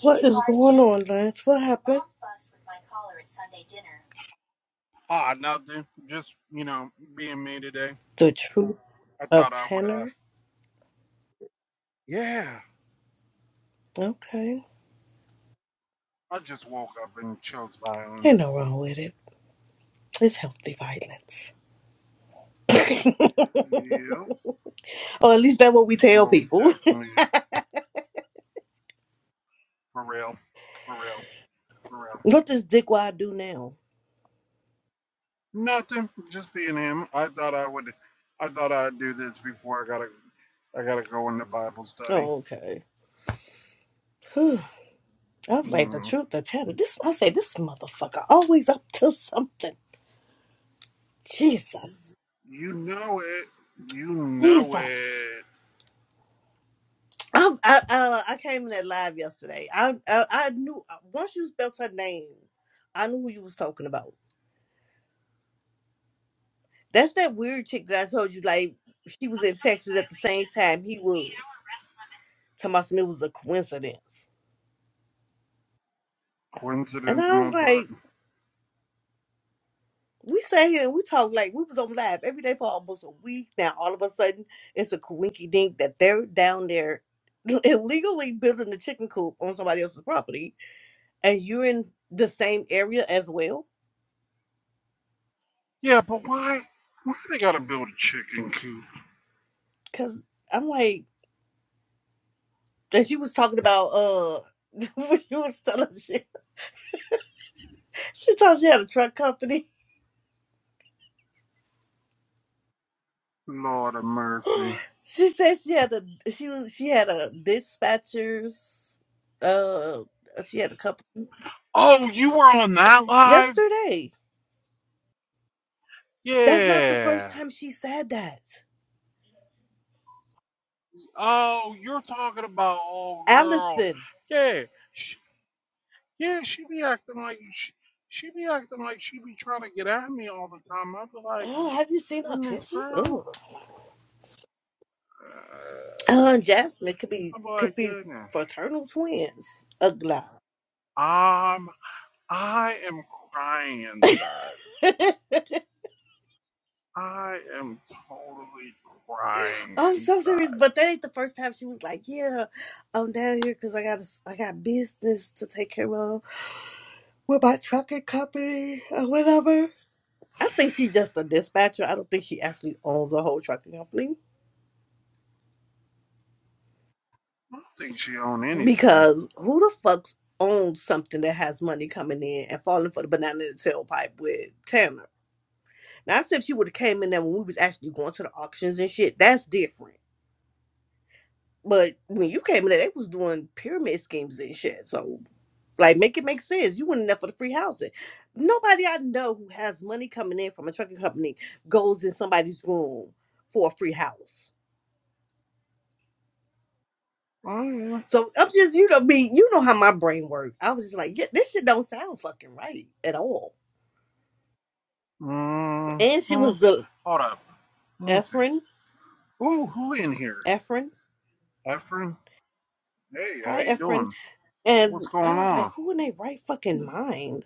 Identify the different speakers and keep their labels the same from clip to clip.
Speaker 1: What is going on, Lance? What happened?
Speaker 2: Ah, nothing. Just, you know, being me today.
Speaker 1: The truth
Speaker 2: I
Speaker 1: of
Speaker 2: thought I would, uh,
Speaker 1: tenor.
Speaker 2: yeah.
Speaker 1: Okay.
Speaker 2: I just woke up and chose
Speaker 1: Ain't
Speaker 2: violence.
Speaker 1: no wrong with it. It's healthy violence.
Speaker 2: Yep.
Speaker 1: or at least that's what we tell
Speaker 2: Most
Speaker 1: people.
Speaker 2: definitely. For real. For real. For real.
Speaker 1: what does dickwad do now?
Speaker 2: Nothing. Just being him. I thought I would, I thought I'd do this before I gotta, I gotta go into Bible study.
Speaker 1: Oh, okay. Whew. I was like, the
Speaker 2: Mm.
Speaker 1: truth of tenor. This I say this motherfucker always up to something. Jesus.
Speaker 2: You know it. You know
Speaker 1: Jesus.
Speaker 2: it.
Speaker 1: I, I, uh, I came in that live yesterday. I, I I knew once you spelled her name, I knew who you was talking about. That's that weird chick that I told you, like, she was in Texas at the same time he was. Talking about some it was a coincidence. And
Speaker 2: Coincidence in
Speaker 1: I
Speaker 2: my
Speaker 1: was
Speaker 2: butt.
Speaker 1: like, we sat here and we talked like we was on live every day for almost a week. Now all of a sudden it's a coinky dink that they're down there illegally building a chicken coop on somebody else's property and you're in the same area as well.
Speaker 2: Yeah, but why? Why they gotta build a chicken coop?
Speaker 1: Cause I'm like, and she was talking about uh when you was telling shit. she thought she had a truck company
Speaker 2: Lord of mercy.
Speaker 1: she said she had a she was she had a dispatcher's uh she had a couple
Speaker 2: Oh, you were on that live?
Speaker 1: yesterday. That's not the first
Speaker 2: Yeah.
Speaker 1: time she said that.
Speaker 2: Oh, you're talking about old girl.
Speaker 1: Allison,
Speaker 2: Yeah. She, yeah, she be acting like she, she be acting like she be trying to get at me all the time. I'd be like,
Speaker 1: oh, have you seen her
Speaker 2: goodness,
Speaker 1: picture?
Speaker 2: girl.
Speaker 1: Oh,
Speaker 2: Uh,
Speaker 1: uh, and Jasmine could be
Speaker 2: i be
Speaker 1: could
Speaker 2: like,
Speaker 1: be
Speaker 2: goodness.
Speaker 1: fraternal twins. Ugly.
Speaker 2: Um, I am crying inside. I am totally crying
Speaker 1: I'm so serious,
Speaker 2: inside.
Speaker 1: but that ain't the first time she was like, "Yeah, I'm down here because I got I got business to take care of with my trucking company or whatever." I think she's just a dispatcher. I don't think she actually owns a whole trucking company
Speaker 2: I don't think she owned anything.
Speaker 1: because who the fuck's owns something that has money coming in and falling for the banana in the tailpipe with Tanner? Now, I said if she would have came in there when we was actually going to the auctions and shit, that's different. But when you came in there, they was doing pyramid schemes and shit. So, like, make it make sense. You went in there for the free housing. Nobody I know who has money coming in from a trucking company goes in somebody's room for a free house.
Speaker 2: Oh yeah.
Speaker 1: So I'm just, you know, me, you know how my brain works. I was just like, yeah, this shit don't sound fucking right at all. And she
Speaker 2: hmm
Speaker 1: was the
Speaker 2: Hold up. What is it?
Speaker 1: Efren,
Speaker 2: Oh, who in here?
Speaker 1: Efren,
Speaker 2: Efren? Hey, how
Speaker 1: hi
Speaker 2: you
Speaker 1: Efren,
Speaker 2: doing? What's
Speaker 1: and I
Speaker 2: going
Speaker 1: was like,
Speaker 2: on?
Speaker 1: who in their right fucking mind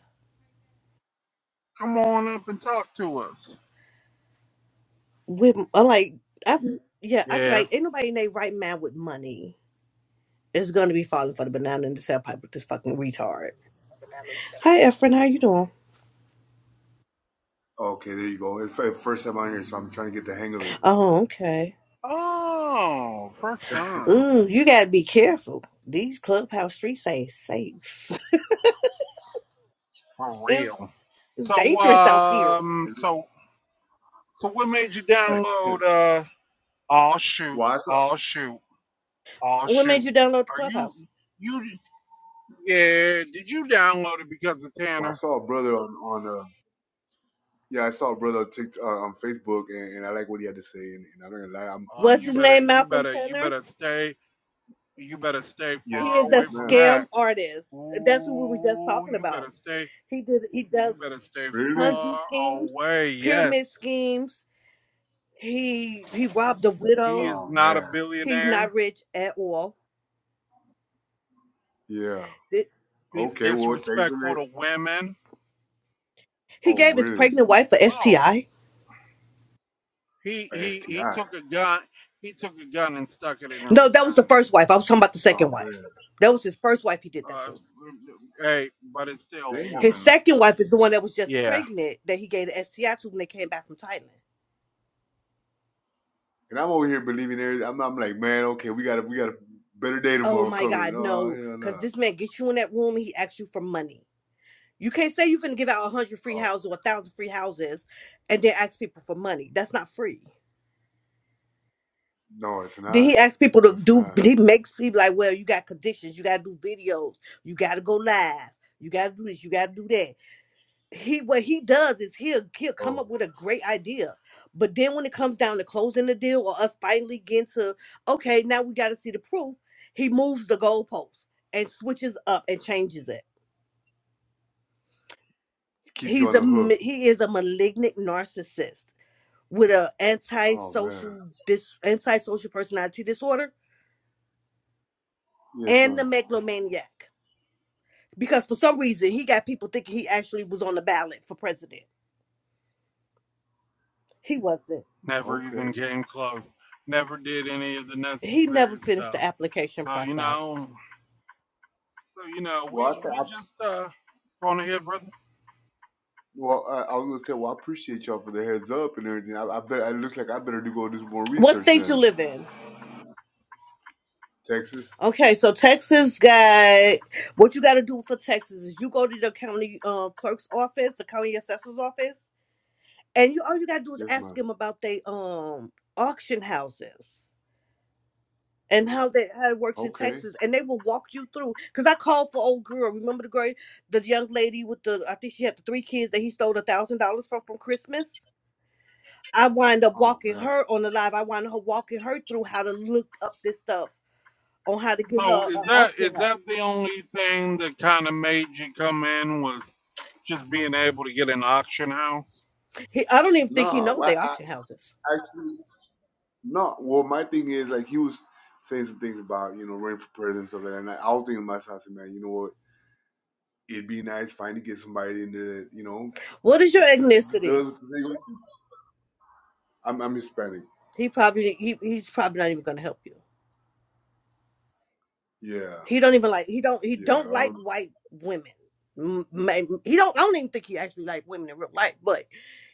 Speaker 2: Come on up and talk to us.
Speaker 1: with? I'm like, I yeah, I could
Speaker 2: Yeah.
Speaker 1: like ain't nobody in their right mind with money is gonna be falling for the banana in the tailpipe with this fucking retard. Hi Efren, how you doing?
Speaker 3: Okay, there you come on here, so I'm trying to do
Speaker 1: Oh, okay.
Speaker 2: Oh, first time.
Speaker 1: Ooh, you gotta be careful. These clubhouse streets ain't safe.
Speaker 2: For
Speaker 1: It's
Speaker 2: real.
Speaker 1: it's
Speaker 2: So
Speaker 1: dangerous out here.
Speaker 2: um so so what made you
Speaker 3: it.
Speaker 2: download uh oh shoot,
Speaker 3: well, I, saw-
Speaker 2: oh shoot, oh
Speaker 1: What made
Speaker 2: shoot.
Speaker 1: you download the
Speaker 2: Are you
Speaker 1: Clubhouse?
Speaker 2: you yeah, did you download it because of
Speaker 3: well, I
Speaker 2: Tanner?
Speaker 3: saw a brother on on uh, yeah, I saw a brother on TikTok, uh, on Facebook, and, and I like what he had to say, and, and I'm not gonna lie, I'm
Speaker 2: Oh
Speaker 1: What's
Speaker 3: I'm
Speaker 2: you
Speaker 1: his
Speaker 2: better
Speaker 1: name?
Speaker 2: you
Speaker 1: Malcolm
Speaker 2: better you
Speaker 1: Tanner.
Speaker 2: better stay you better stay
Speaker 1: He
Speaker 2: far
Speaker 3: yes,
Speaker 1: is
Speaker 3: yes,
Speaker 2: away
Speaker 1: a
Speaker 2: from
Speaker 3: man,
Speaker 2: that.
Speaker 1: scam artist. That's who we were just
Speaker 2: Ooh,
Speaker 1: talking
Speaker 2: you
Speaker 1: about.
Speaker 2: better stay.
Speaker 1: He did. He
Speaker 2: You
Speaker 1: does
Speaker 2: better stay
Speaker 3: really?
Speaker 1: Ponzi
Speaker 2: far
Speaker 1: schemes,
Speaker 2: away.
Speaker 1: pyramid
Speaker 2: Yes,
Speaker 1: schemes. He he robbed a
Speaker 2: he
Speaker 1: widow.
Speaker 2: is
Speaker 3: Oh
Speaker 2: not a
Speaker 3: man,
Speaker 1: He's
Speaker 2: billionaire.
Speaker 1: not rich at all.
Speaker 3: yeah.
Speaker 1: Th-
Speaker 2: He's
Speaker 3: Okay, well, thanks for
Speaker 2: disrespectful
Speaker 3: that.
Speaker 2: to women.
Speaker 1: He
Speaker 3: Oh,
Speaker 1: gave his
Speaker 3: really?
Speaker 1: pregnant wife a
Speaker 2: Oh,
Speaker 1: STI.
Speaker 2: he
Speaker 3: A
Speaker 2: he he
Speaker 3: STI?
Speaker 2: took a gun. He took a gun and stuck it in her
Speaker 1: No, that was the
Speaker 2: vagina.
Speaker 1: first wife. I was talking about the second
Speaker 3: Oh
Speaker 1: wife.
Speaker 3: man,
Speaker 1: That was his first wife. He did that
Speaker 2: Uh,
Speaker 1: to.
Speaker 2: hey, but it's still a
Speaker 1: His
Speaker 3: damn.
Speaker 2: woman.
Speaker 1: second wife is the one that was just
Speaker 2: Yeah,
Speaker 1: pregnant that he gave the STI to when they came back from Thailand.
Speaker 3: And I'm over here believing everything. I'm, I'm like, man, okay, we got a we got a better day
Speaker 1: Oh
Speaker 3: tomorrow
Speaker 1: my
Speaker 3: coming.
Speaker 1: God,
Speaker 3: Oh
Speaker 1: no.
Speaker 3: hell
Speaker 1: Because
Speaker 3: no.
Speaker 1: this man gets you in that room and he asks you for money. You can't say you're going to give out a 100 free
Speaker 3: Oh
Speaker 1: houses or a 1,000 free houses and then ask people for money. That's not free.
Speaker 3: no, it's
Speaker 1: Then
Speaker 3: not.
Speaker 1: he asks people
Speaker 3: No,
Speaker 1: to
Speaker 3: it's
Speaker 1: do,
Speaker 3: not.
Speaker 1: he makes people like, well, you got conditions. You got to do videos. You got to go live. You got to do this. You got to do that. He What he does is he'll, he'll come
Speaker 3: Oh,
Speaker 1: up with a great idea. But then when it comes down to closing the deal or us finally getting to, okay, now we got to see the proof, he moves the goalposts and switches up and changes it
Speaker 3: it keeps you
Speaker 1: he's
Speaker 3: on
Speaker 1: a
Speaker 3: the
Speaker 1: ma-
Speaker 3: hook.
Speaker 1: he is a malignant narcissist with a
Speaker 3: Oh man.
Speaker 1: antisocial dis antisocial personality disorder
Speaker 3: Yes,
Speaker 1: and the
Speaker 3: ma'am.
Speaker 1: megalomaniac because for some reason he got people thinking he actually was on the ballot for president he wasn't
Speaker 2: never
Speaker 3: Okay.
Speaker 2: even came close. Never did any of the
Speaker 1: he never
Speaker 2: necessary
Speaker 1: finished
Speaker 2: stuff.
Speaker 1: the application
Speaker 2: So you
Speaker 1: process
Speaker 2: know, so you know,
Speaker 3: Well,
Speaker 2: we
Speaker 3: I, th-
Speaker 2: we
Speaker 3: I
Speaker 2: just uh going to hit brother.
Speaker 3: well, I, I was gonna say, well, I appreciate y'all for the heads up and everything. I, I bet it looks like I better do go do some more
Speaker 1: what
Speaker 3: research
Speaker 1: state you
Speaker 3: then.
Speaker 1: live in
Speaker 3: Texas.
Speaker 1: okay so texas got what you got to do for texas is you go to the county uh, clerk's office the county assessor's office and you all you gotta do is
Speaker 3: Yes,
Speaker 1: ask
Speaker 3: ma'am.
Speaker 1: them about they um auction houses and how that how it works in
Speaker 3: Okay.
Speaker 1: Texas, and they will walk you through. Cause I called for old girl. Remember the girl, the young lady with the I think she had the three kids that he stole a thousand dollars from from Christmas. I wind up
Speaker 3: Oh
Speaker 1: walking
Speaker 3: man.
Speaker 1: her on the live. I wind her walking her through how to look up this stuff on how to get
Speaker 2: So
Speaker 1: her
Speaker 2: is
Speaker 1: an
Speaker 2: that
Speaker 1: auction
Speaker 2: is that
Speaker 1: house.
Speaker 2: the only thing that kind of made you come in was just being able to get an auction house?
Speaker 1: He, I don't even think he
Speaker 3: No,
Speaker 1: knows they
Speaker 3: well, I,
Speaker 1: auction houses.
Speaker 3: I actually no. Well, my thing is like he was saying some things about you know running for president and stuff like that. And I, I was thinking to myself, I said, man, you know what? It'd be nice finally get somebody in there that you know
Speaker 1: What is your
Speaker 3: s-
Speaker 1: ethnicity?
Speaker 3: does. what they- want. I'm I'm Hispanic.
Speaker 1: He probably he, he's probably not even gonna help you.
Speaker 3: Yeah.
Speaker 1: He don't even like he don't he
Speaker 3: Yeah.
Speaker 1: don't like
Speaker 3: Um,
Speaker 1: white women. M- may- He don't I don't even think he actually like women in real life, but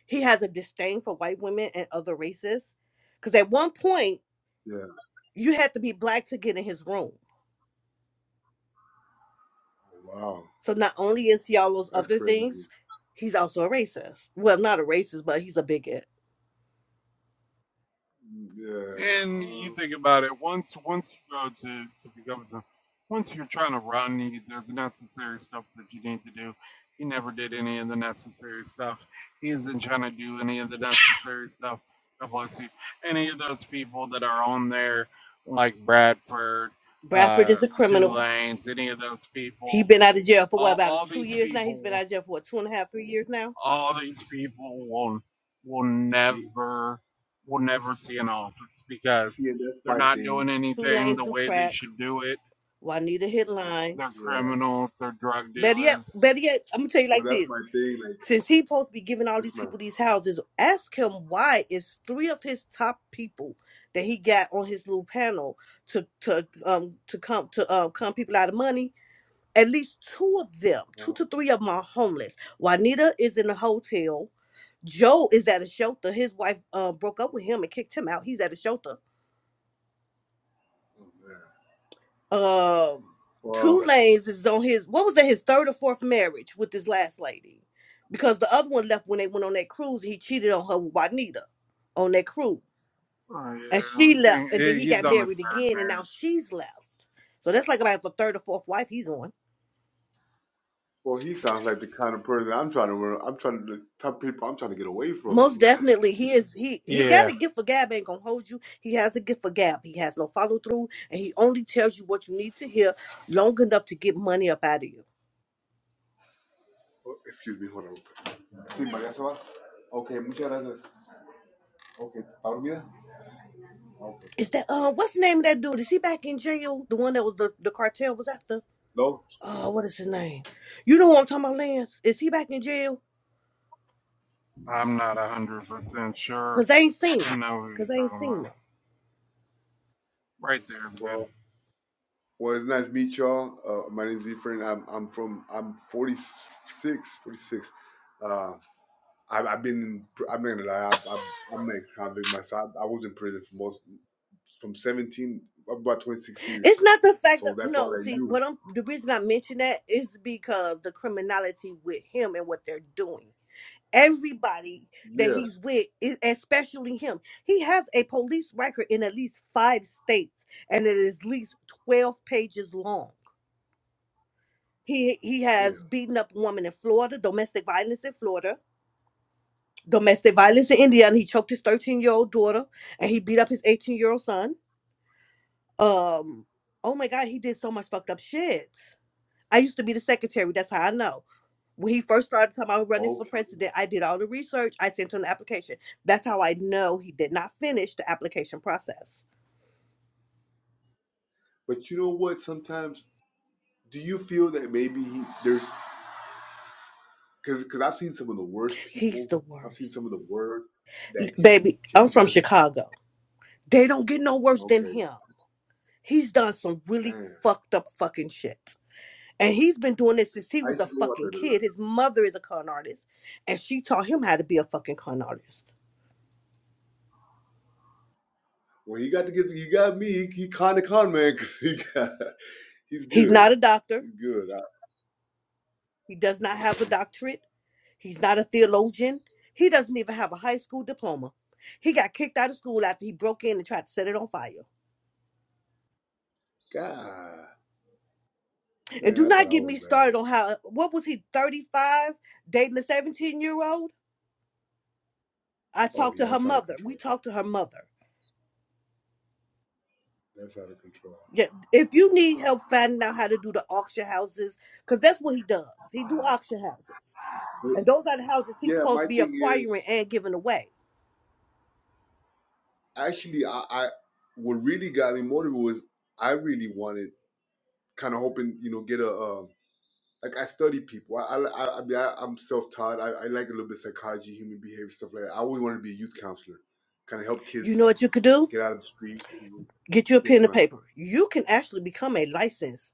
Speaker 1: he has a disdain for white women and other races. Because at one point
Speaker 3: yeah.
Speaker 1: you had to be black to get in his room.
Speaker 3: Wow.
Speaker 1: So not only is he all those
Speaker 3: That's
Speaker 1: other
Speaker 3: crazy.
Speaker 1: things, he's also a racist. Well, not a racist, but he's a bigot.
Speaker 3: Yeah.
Speaker 2: And you
Speaker 3: Um,
Speaker 2: think about it once once you go to to become the once you're trying to run, you, there's necessary stuff that you need to do. He never did any of the necessary stuff. He isn't trying to do any of the necessary stuff. God bless you. Any of those people that are on there, like Bradford,
Speaker 1: Bradford
Speaker 2: uh,
Speaker 1: is a
Speaker 2: Two
Speaker 1: criminal.
Speaker 2: Lanes, any of those
Speaker 1: He
Speaker 2: people
Speaker 1: been out of jail for what
Speaker 2: all,
Speaker 1: about
Speaker 2: all
Speaker 1: two
Speaker 2: these
Speaker 1: years now? He's been out
Speaker 2: people,
Speaker 1: of jail for what two and a half, three years now.
Speaker 2: all these people will will
Speaker 3: see,
Speaker 2: never will never see an office because
Speaker 3: see, and that's
Speaker 2: they're
Speaker 3: my
Speaker 2: not
Speaker 3: thing.
Speaker 2: doing
Speaker 1: Two
Speaker 2: anything
Speaker 1: Lanes
Speaker 2: the
Speaker 1: Do
Speaker 2: way they
Speaker 1: Crack,
Speaker 2: should do it.
Speaker 1: Juanita Hit
Speaker 2: They're
Speaker 1: Lines.
Speaker 3: Yeah.
Speaker 2: criminals. They're drug
Speaker 1: Better yet,
Speaker 2: dealers.
Speaker 1: better yet, I'm gonna tell you
Speaker 3: Well,
Speaker 1: like
Speaker 3: that's
Speaker 1: this.
Speaker 3: my thing. Like
Speaker 1: Since he supposed to be giving all
Speaker 3: this
Speaker 1: these
Speaker 3: man.
Speaker 1: people these houses, ask him why it's three of his top people that he got on his little panel to to um to come to um come people out of money. At least two of them, two
Speaker 3: Oh,
Speaker 1: to three of them are homeless. Juanita is in a hotel. Joe is at a shelter. His wife uh, broke up with him and kicked him out. He's at a shelter.
Speaker 3: oh, man.
Speaker 1: um
Speaker 3: Well,
Speaker 1: two lanes is on his what was that his third or fourth marriage with this last lady because the other one left when they went on that cruise he cheated on her with juanita on that cruise
Speaker 2: Oh
Speaker 1: and
Speaker 2: yeah, I
Speaker 1: she left
Speaker 2: think
Speaker 1: and then
Speaker 2: he-
Speaker 1: he
Speaker 2: he's
Speaker 1: got
Speaker 2: on his
Speaker 1: married
Speaker 2: third
Speaker 1: again and now
Speaker 2: marriage.
Speaker 1: she's left so that's like about the third or fourth wife he's on
Speaker 3: well, he sounds like the kind of person I'm trying to. run- I'm trying to the type of people I'm trying to get away
Speaker 1: most
Speaker 3: from.
Speaker 1: definitely he is he he got
Speaker 2: Yeah,
Speaker 1: a gift for gab ain't gonna hold you he has a gift for gab he has no follow-through and he only tells you what you need to hear long enough to get money up out of you
Speaker 3: Oh, excuse me. Hold on. Sí, María se va. Okay, muchas gracias. Okay, ¿está dormida? Okay.
Speaker 1: Is that uh what's the name of that dude? Is he back in jail? The one that was the, the cartel was after?
Speaker 3: No.
Speaker 1: Oh, what is his name? You know what I'm talking about, Lance? Is he back in jail?
Speaker 2: I'm not a hundred percent sure.
Speaker 1: Cause they ain't seen
Speaker 2: I
Speaker 1: him.
Speaker 2: know who
Speaker 1: Cause
Speaker 2: you're
Speaker 1: they ain't
Speaker 2: talking
Speaker 1: seen
Speaker 2: about.
Speaker 1: him.
Speaker 2: Right there is good.
Speaker 3: Well, well, it's nice to meet y'all. Uh, my name's Efrain. I'm I'm from I'm 46, 46. uh, I've I've been in pr I'm not gonna lie, i i I'm an ex-convict myself. I was in prison for most from 17 up about 26 years.
Speaker 1: It's not the fact
Speaker 3: So
Speaker 1: that
Speaker 3: that's all
Speaker 1: no,
Speaker 3: I
Speaker 1: see
Speaker 3: knew.
Speaker 1: what I'm the reason I mention that is because the criminality with him and what they're doing. Everybody that
Speaker 3: Yeah,
Speaker 1: he's with, is, especially him, he has a police record in at least five states, and it is at least twelve pages long. He he
Speaker 3: damn.
Speaker 1: has beaten up a woman in Florida, domestic violence in Florida, domestic
Speaker 3: Yes,
Speaker 1: violence in
Speaker 3: man.
Speaker 1: Indiana. He choked his 13 year old daughter and he beat up his 18 year old son. Um, oh my God, he did so much fucked up shit. I used to be the secretary. That's how I know. When he first started talking about running for
Speaker 3: Okay.
Speaker 1: president, I did all the research. I sent him the application. That's how I know he did not finish the application process.
Speaker 3: But you know what? Sometimes do you feel that maybe he, there's because because I've seen some of the worst
Speaker 1: He's
Speaker 3: people.
Speaker 1: the
Speaker 3: I've seen some
Speaker 1: worst.
Speaker 3: of the worst
Speaker 1: L-
Speaker 3: that can
Speaker 1: Baby,
Speaker 3: can
Speaker 1: I'm from
Speaker 3: just
Speaker 1: Chicago. They don't get no worse than
Speaker 3: okay,
Speaker 1: him. He's done some really
Speaker 3: man.
Speaker 1: fucked up fucking shit. And he's been doing this since he
Speaker 3: I
Speaker 1: was a
Speaker 3: used to go out there
Speaker 1: fucking
Speaker 3: to like
Speaker 1: kid. His mother is a con artist, and she taught him how to be a fucking con artist.
Speaker 3: when he got to get he got me. He, he kind of con man. 'cause he got he's
Speaker 1: He's
Speaker 3: good.
Speaker 1: not a doctor.
Speaker 3: He's good. I,
Speaker 1: He does not have
Speaker 3: Okay.
Speaker 1: a doctorate. He's not a theologian. He doesn't even have a high school diploma. He got kicked out of school after he broke in and tried to set it on fire.
Speaker 3: God,
Speaker 1: And
Speaker 3: man,
Speaker 1: do
Speaker 3: I thought
Speaker 1: not
Speaker 3: I
Speaker 1: get
Speaker 3: was
Speaker 1: me
Speaker 3: bad.
Speaker 1: started on how, what was he, 35, dating a 17 year old? I
Speaker 3: Oh
Speaker 1: talked to
Speaker 3: yeah,
Speaker 1: her
Speaker 3: that's out of
Speaker 1: mother. We
Speaker 3: control.
Speaker 1: talked to her mother.
Speaker 3: That's out of control.
Speaker 1: Yeah, if you need help finding out how to do the auction houses, because that's what he does. He do auction houses,
Speaker 3: But,
Speaker 1: and those are the houses he's
Speaker 3: yeah,
Speaker 1: supposed
Speaker 3: my
Speaker 1: to be
Speaker 3: thing is
Speaker 1: acquiring and giving away.
Speaker 3: actually I, I what really got me motivated was I really wanted kind of hoping you know get a um, like I study people. I I, I, I mean I, I'm self taught. I, I like a little bit of psychology, human behavior stuff like that. I always wanted to be a youth counselor, kind of help
Speaker 1: You
Speaker 3: kids
Speaker 1: know what you could do?
Speaker 3: get out of the street.
Speaker 1: Get you a pen
Speaker 3: Yes,
Speaker 1: and
Speaker 3: ma'am.
Speaker 1: paper. You can actually become a licensed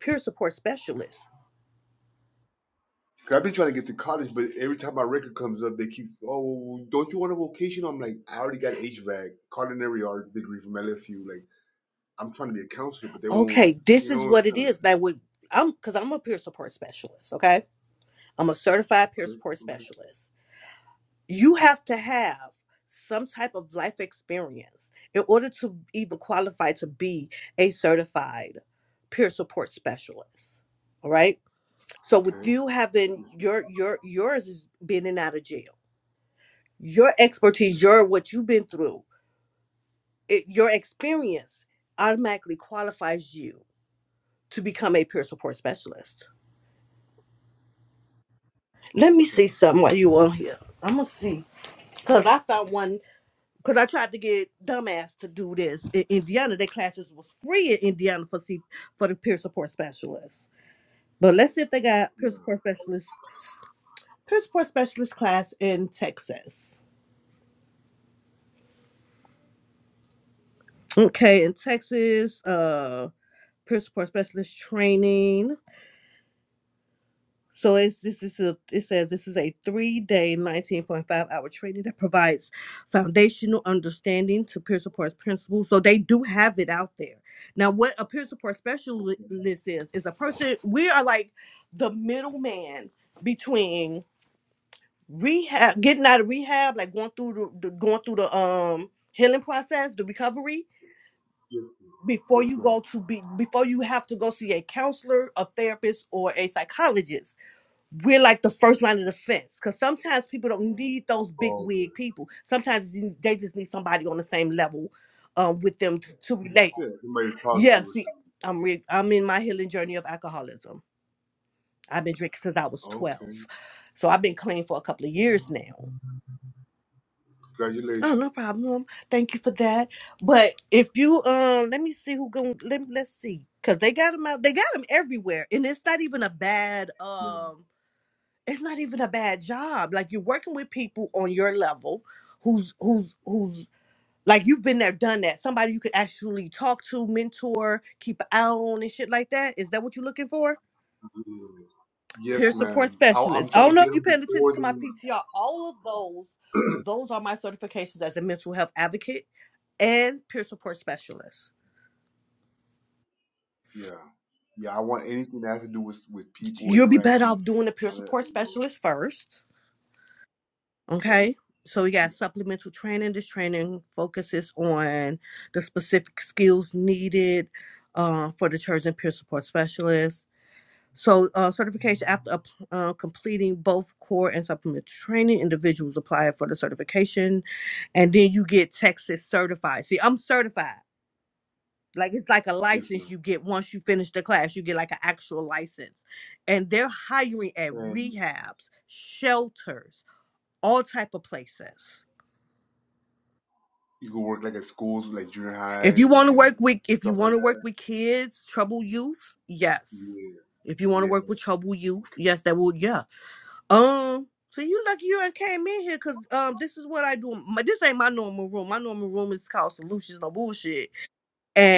Speaker 1: peer support specialist.
Speaker 3: 'Cause I've been trying to get to college, but every time my record comes up, they keep, oh, don't you want a vocation? I'm like, I already got HVAC, culinary arts degree from LSU. Like, I'm trying to be a counselor, but they won't,
Speaker 1: Okay, this
Speaker 3: you
Speaker 1: is
Speaker 3: know, it's
Speaker 1: what it
Speaker 3: kind of,
Speaker 1: is. Now, with I'm because I'm a peer support specialist. okay? I'm a certified peer
Speaker 3: okay,
Speaker 1: support
Speaker 3: okay,
Speaker 1: specialist. You have to have some type of life experience in order to even qualify to be a certified peer support specialist. All right. So with
Speaker 3: okay.
Speaker 1: you having
Speaker 3: Yes, ma'am.
Speaker 1: your your yours is being in and out of jail, your
Speaker 3: Yes,
Speaker 1: expertise, your
Speaker 3: ma'am.
Speaker 1: what you've been through, it, your experience automatically qualifies you to become a peer support specialist. Let
Speaker 3: Oh,
Speaker 1: me
Speaker 3: okay.
Speaker 1: see something while you on here. I'm gonna see because I found one Cause I tried to get dumbass to do this in Indiana. Their classes was free in Indiana for see for the peer support specialists. But let's see if they got peer
Speaker 3: Yeah.
Speaker 1: support specialists peer support specialist class in Texas. Okay, in Texas, uh, peer support specialist training. So it's this is a, it says this is a three-day, 19.5-hour training that provides foundational understanding to peer support principles. So they do have it out there. Now, what a peer support specialist
Speaker 3: Okay.
Speaker 1: is is a person. We are like the middleman between rehab, getting out of rehab, like going through the, the going through the um healing process, the recovery
Speaker 3: Yes, ma'am.
Speaker 1: before
Speaker 3: Yes,
Speaker 1: you
Speaker 3: ma'am.
Speaker 1: go to be before you have to go see a counselor, a therapist, or a psychologist we're like the first line of defense because sometimes people don't need those big
Speaker 3: Oh, okay.
Speaker 1: wig people. Sometimes you- they just need somebody on the same level um, with them to, to relate.
Speaker 3: Yeah, somebody to talk to
Speaker 1: Yeah,
Speaker 3: or
Speaker 1: see,
Speaker 3: something.
Speaker 1: I'm re- I'm in my healing journey of alcoholism. I've been drinking since I was
Speaker 3: oh, Okay.
Speaker 1: 12, so I've been clean for a couple of years now. Oh,
Speaker 3: Congratulations.
Speaker 1: no problem. Thank you for that. But if you um, let me see who going. Let let's see, cause they got them out. They got them everywhere, and it's not even a bad
Speaker 3: Yeah.
Speaker 1: um. it's not even a bad job. Like you're working with people on your level who's who's who's like you've been there, done that. Somebody you could actually talk to, mentor, keep an eye on and shit like that. Is that what you're looking for?
Speaker 3: yeah. yeah, yeah,
Speaker 1: Peer
Speaker 3: Yes,
Speaker 1: support
Speaker 3: ma'am. I, I'm
Speaker 1: specialist. I
Speaker 3: trying to
Speaker 1: don't know
Speaker 3: get
Speaker 1: if you're
Speaker 3: them
Speaker 1: paying attention
Speaker 3: before
Speaker 1: to my
Speaker 3: the
Speaker 1: PTR. All of those, those are my certifications as a mental health advocate and peer support specialist.
Speaker 3: Yeah. Yeah, I want anything that has to do with with people
Speaker 1: You'll be better
Speaker 3: interacting,
Speaker 1: off doing the peer
Speaker 3: trying to,
Speaker 1: support
Speaker 3: you know,
Speaker 1: specialist first
Speaker 3: okay,
Speaker 1: Okay. So we
Speaker 3: sure.
Speaker 1: got supplemental training. This training focuses on the specific skills needed uh, for the church and peer support specialist. So uh, certification after up- uh, completing both core and supplemental training, individuals apply for the certification, and then you get Texas certified. See, I'm certified. Like it's like a
Speaker 3: Yes,
Speaker 1: license
Speaker 3: ma'am.
Speaker 1: you get once you finish the class. You get like an actual license, and they're hiring at
Speaker 3: And
Speaker 1: rehabs, shelters, all type of places.
Speaker 3: you can work like at schools, like junior
Speaker 1: If you
Speaker 3: highs and,
Speaker 1: want to
Speaker 3: and
Speaker 1: work with if you
Speaker 3: stuff like
Speaker 1: want to
Speaker 3: that.
Speaker 1: work with kids, trouble youth, yes.
Speaker 3: Yeah,
Speaker 1: If you want to
Speaker 3: yeah,
Speaker 1: work with trouble youth,
Speaker 3: okay.
Speaker 1: yes, that will yeah. Um, so you lucky you ain't came in here because um this is what I do. My, this ain't my normal room. My normal room is called Solutions No Bullshit.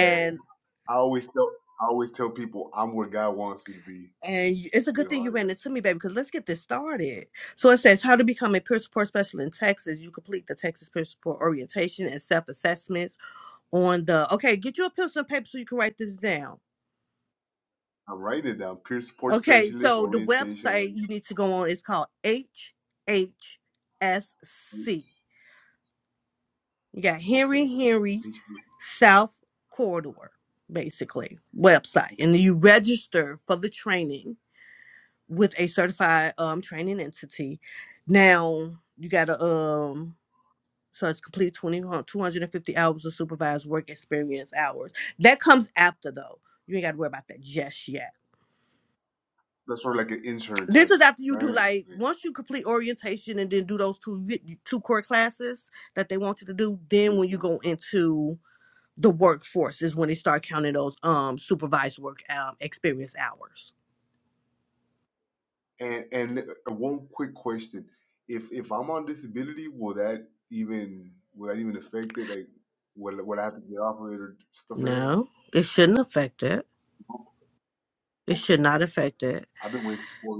Speaker 3: Hey, I always tell I always tell people I'm where God wants me to be.
Speaker 1: and you- it's a
Speaker 3: You
Speaker 1: good
Speaker 3: know,
Speaker 1: thing
Speaker 3: I,
Speaker 1: you ran
Speaker 3: I,
Speaker 1: into me, baby, because let's get this started. So it says how to become a peer support specialist in Texas. You complete the Texas peer support orientation and self assessments on the okay. Get you a pencil and paper so you can write this down.
Speaker 3: I'm writing it down. Peer support
Speaker 1: Okay,
Speaker 3: specialist,
Speaker 1: so the
Speaker 3: orientation. I'm
Speaker 1: website
Speaker 3: writing
Speaker 1: you need to go on is called HHSC.
Speaker 3: it down.
Speaker 1: You got Henry
Speaker 3: Okay,
Speaker 1: Henry
Speaker 3: HD.
Speaker 1: South Corridor, basically, website. And then you register for the training with a certified um training entity. Now you gotta um so it's complete 20, 250 hours of supervised work experience hours. That comes after though. You ain't gotta worry about that just yet
Speaker 3: That's sort of like an intern
Speaker 1: This
Speaker 3: type,
Speaker 1: is after you
Speaker 3: right?
Speaker 1: do like
Speaker 3: Like,
Speaker 1: once you complete orientation and then do those two two core classes that they want you to do. Then
Speaker 3: yes,
Speaker 1: when
Speaker 3: ma'am.
Speaker 1: you go into the workforce is when they start counting those um supervised work um experience hours.
Speaker 3: And and one quick question: If if I'm on disability, will that even will that even affect it? Like, will will I have to get off of it or stuff like that?
Speaker 1: No, it shouldn't affect it.
Speaker 3: Nope.
Speaker 1: It should
Speaker 3: Okay,
Speaker 1: not affect it.
Speaker 3: I've been waiting for.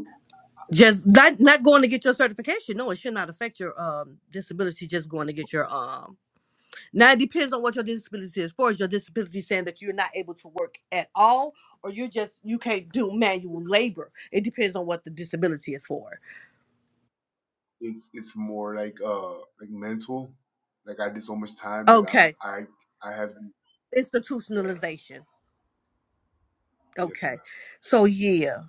Speaker 1: Just not not going to get your certification. No, it should not affect your um disability. Just going to get your
Speaker 3: Okay,
Speaker 1: um Now it depends on what your disability is. For is your disability saying that you're not able to work at all, or you just you can't do manual labor? It depends on what the disability is for.
Speaker 3: it's it's more like uh like mental. Like I did so much time that I'm
Speaker 1: Okay,
Speaker 3: I I have. Yeah.
Speaker 1: institutionalization.
Speaker 3: Yes, ma'am.
Speaker 1: Okay, so yeah,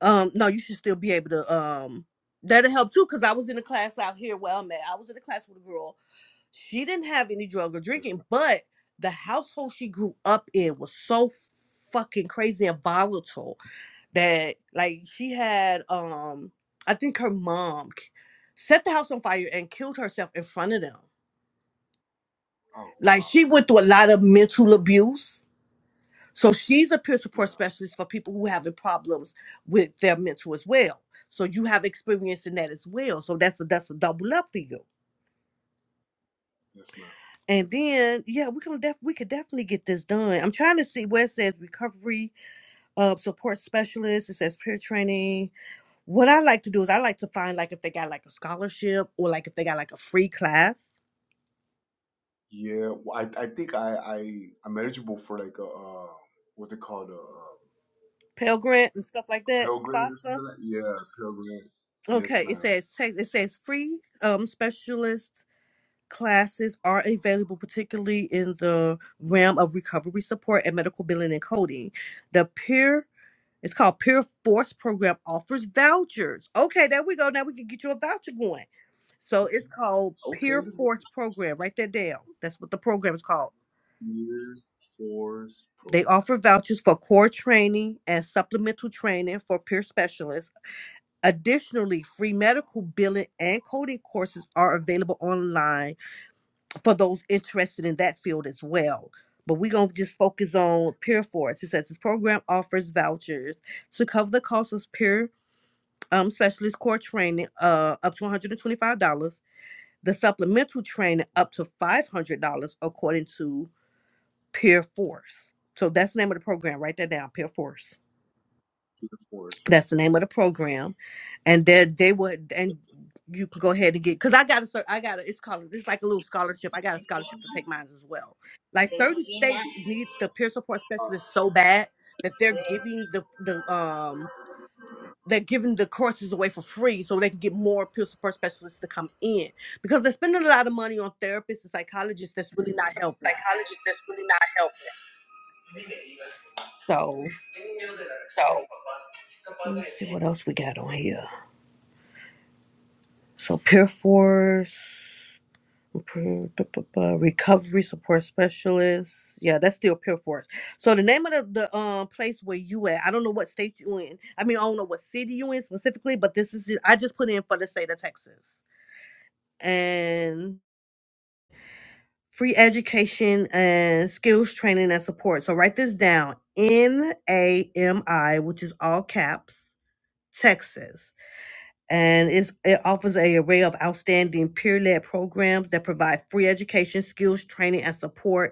Speaker 1: um, no, you should still be able to um, that'll help too. Cause I was in a class out here where I'm at. I was in a class with a girl. She didn't have any drug or
Speaker 3: Yes, ma'am.
Speaker 1: drinking, but the household she grew up in was so fucking crazy and volatile that like she had um I think her mom k- set the house on fire and killed herself in front of them.
Speaker 3: Oh
Speaker 1: Like
Speaker 3: wow.
Speaker 1: she went through a lot of mental abuse. So she's a peer
Speaker 3: Yeah.
Speaker 1: support specialist for people who having problems with their mental as well. So you have experience in that as well. So that's a that's a double up for you.
Speaker 3: Yes, ma'am.
Speaker 1: And then yeah, we can def- we could definitely get this done. I'm trying to see where it says recovery uh, support specialist. It says peer training What I like to do is I like to find like if they got like a scholarship or like if they got like a free class,
Speaker 3: Yeah. Well, I I think I I I'm eligible for like a uh, what's it called a. Uh,
Speaker 1: Pell Grant and stuff like that.
Speaker 3: Pilgrim or
Speaker 1: FOSTA.
Speaker 3: something like Yeah, Pilgrim. Yes,
Speaker 1: Okay, it
Speaker 3: ma'am.
Speaker 1: says text- it says free um specialist classes are available particularly in the realm of recovery support and medical billing and coding. The peer it's called Peer Force Program offers vouchers. Okay, there we go. Now we can get you a voucher going. So it's called
Speaker 3: Okay,
Speaker 1: Peer
Speaker 3: let's go.
Speaker 1: Force Program. Write that down. That's what the program is called.
Speaker 3: Year Force
Speaker 1: They
Speaker 3: Program.
Speaker 1: offer vouchers for core training and supplemental training for peer specialists. Additionally, free medical billing and coding courses are available online for those interested in that field as well. But we're going to just focus on peer force. It says this program offers vouchers to cover the cost of peer um, specialist core training uh, up to $125, the supplemental training up to $500 according to peer force. So that's the name of the program. Write that down, peer force.
Speaker 3: Year Force, yes,
Speaker 1: That's the name
Speaker 3: ma'am.
Speaker 1: of the program, and that they would and you can go ahead and get because I got a cer- I got a it's called it's like a little scholarship. I got a scholarship to take mine as well. Like
Speaker 3: There's
Speaker 1: certain
Speaker 3: really
Speaker 1: states need the peer support specialist so bad that they're giving the the um they're giving the courses away for free so they can get more peer support specialists to come in because they're spending a lot of money on therapists and psychologists that's really not helping.
Speaker 3: Psychologists that's really not helpful.
Speaker 1: So let me see
Speaker 3: So
Speaker 1: what else we got on here. So peer force. Pr- bu- bu- bu- recovery support specialist. Yeah, that's still Pure Force. So the name of the, the um place where you at, I don't know what state you in. I mean, I don't know what city you in specifically, but this is I just put in for the state of Texas and free education and skills training and support. So write this down: N A M I, which is all caps, Texas. And it's, it offers a array of outstanding peer-led programs that provide free education, skills training, and support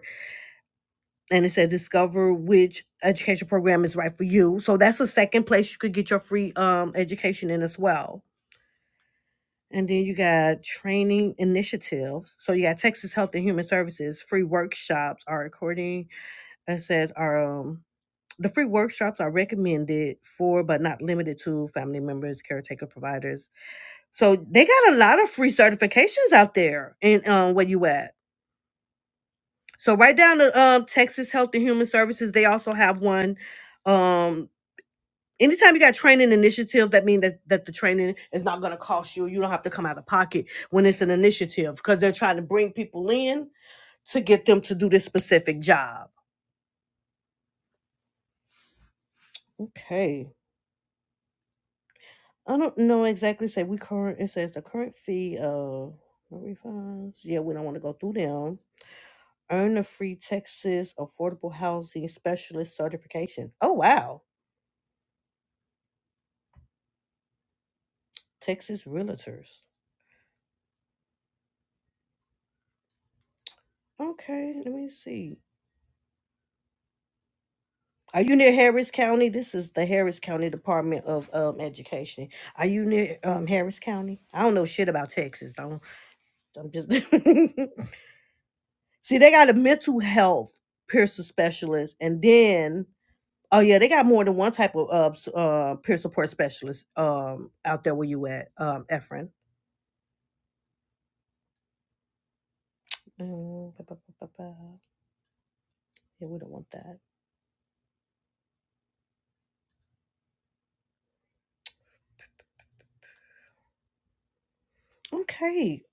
Speaker 1: and it says discover which education program is right for you. So that's the second place you could get your free um education in as well. And then you got training initiatives. So you got Texas Health and Human Services free workshops are according it says are um the free workshops are recommended for but not limited to family members, caretaker providers. So they got a lot of free certifications out there in um where you at. So right down to um Texas Health and Human Services, they also have one. Um Anytime you got training initiatives, that means that, that the training is not going to cost you. You don't have to come out of pocket when it's an initiative because they're trying to bring people in to get them to do this specific job. Okay. I don't know exactly. Say we current. It says the current fee of no refunds. Yeah, we don't want to go through them. Earn a free Texas Affordable Housing Specialist certification. Oh wow, Texas Realtors. Okay, let me see. Are you near Harris County? This is the Harris County Department of um, Education. Are you near um, Harris County? I don't know shit about Texas. Don't I'm just see they got a mental health peer support specialist, and then oh yeah, they got more than one type of uh, s- uh, peer support specialist um, out there where you at, um, Efren. Mm, ba, ba, ba, ba, ba. Yeah, we don't want that. Okay,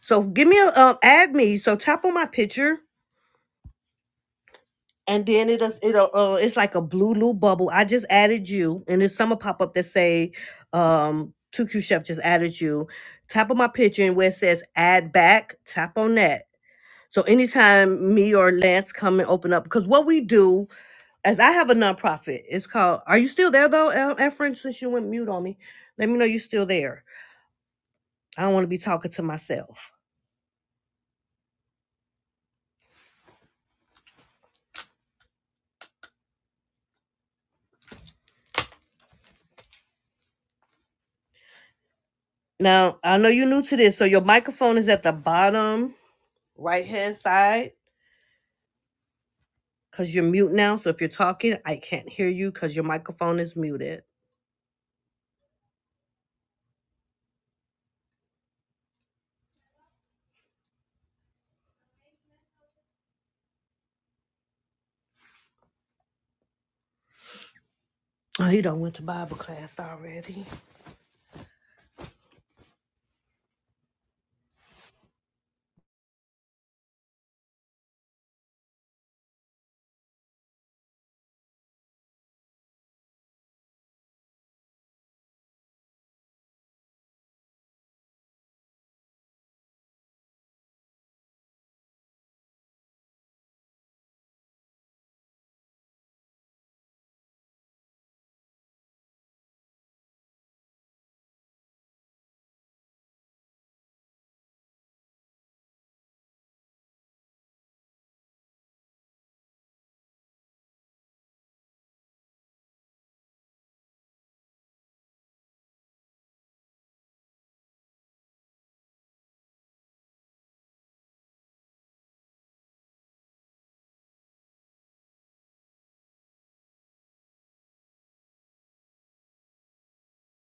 Speaker 1: so give me a um, add me. So tap on my picture and then it is it uh, uh, it's like a blue little bubble. I just added you, and there's some pop up that say, um, 2Q Chef just added you. Tap on my picture and where it says add back, tap on that. So anytime me or Lance come and open up, because what we do, as I have a nonprofit, it's called. Are you still there though, El- Efren? Since you went mute on me, let me know you're still there. I don't want to be talking to myself. Now I know you're new to this, so your microphone is at the bottom right hand side Cause you're mute now, so if you're talking, I can't hear you because your microphone is muted. Oh, he done went to Bible class already.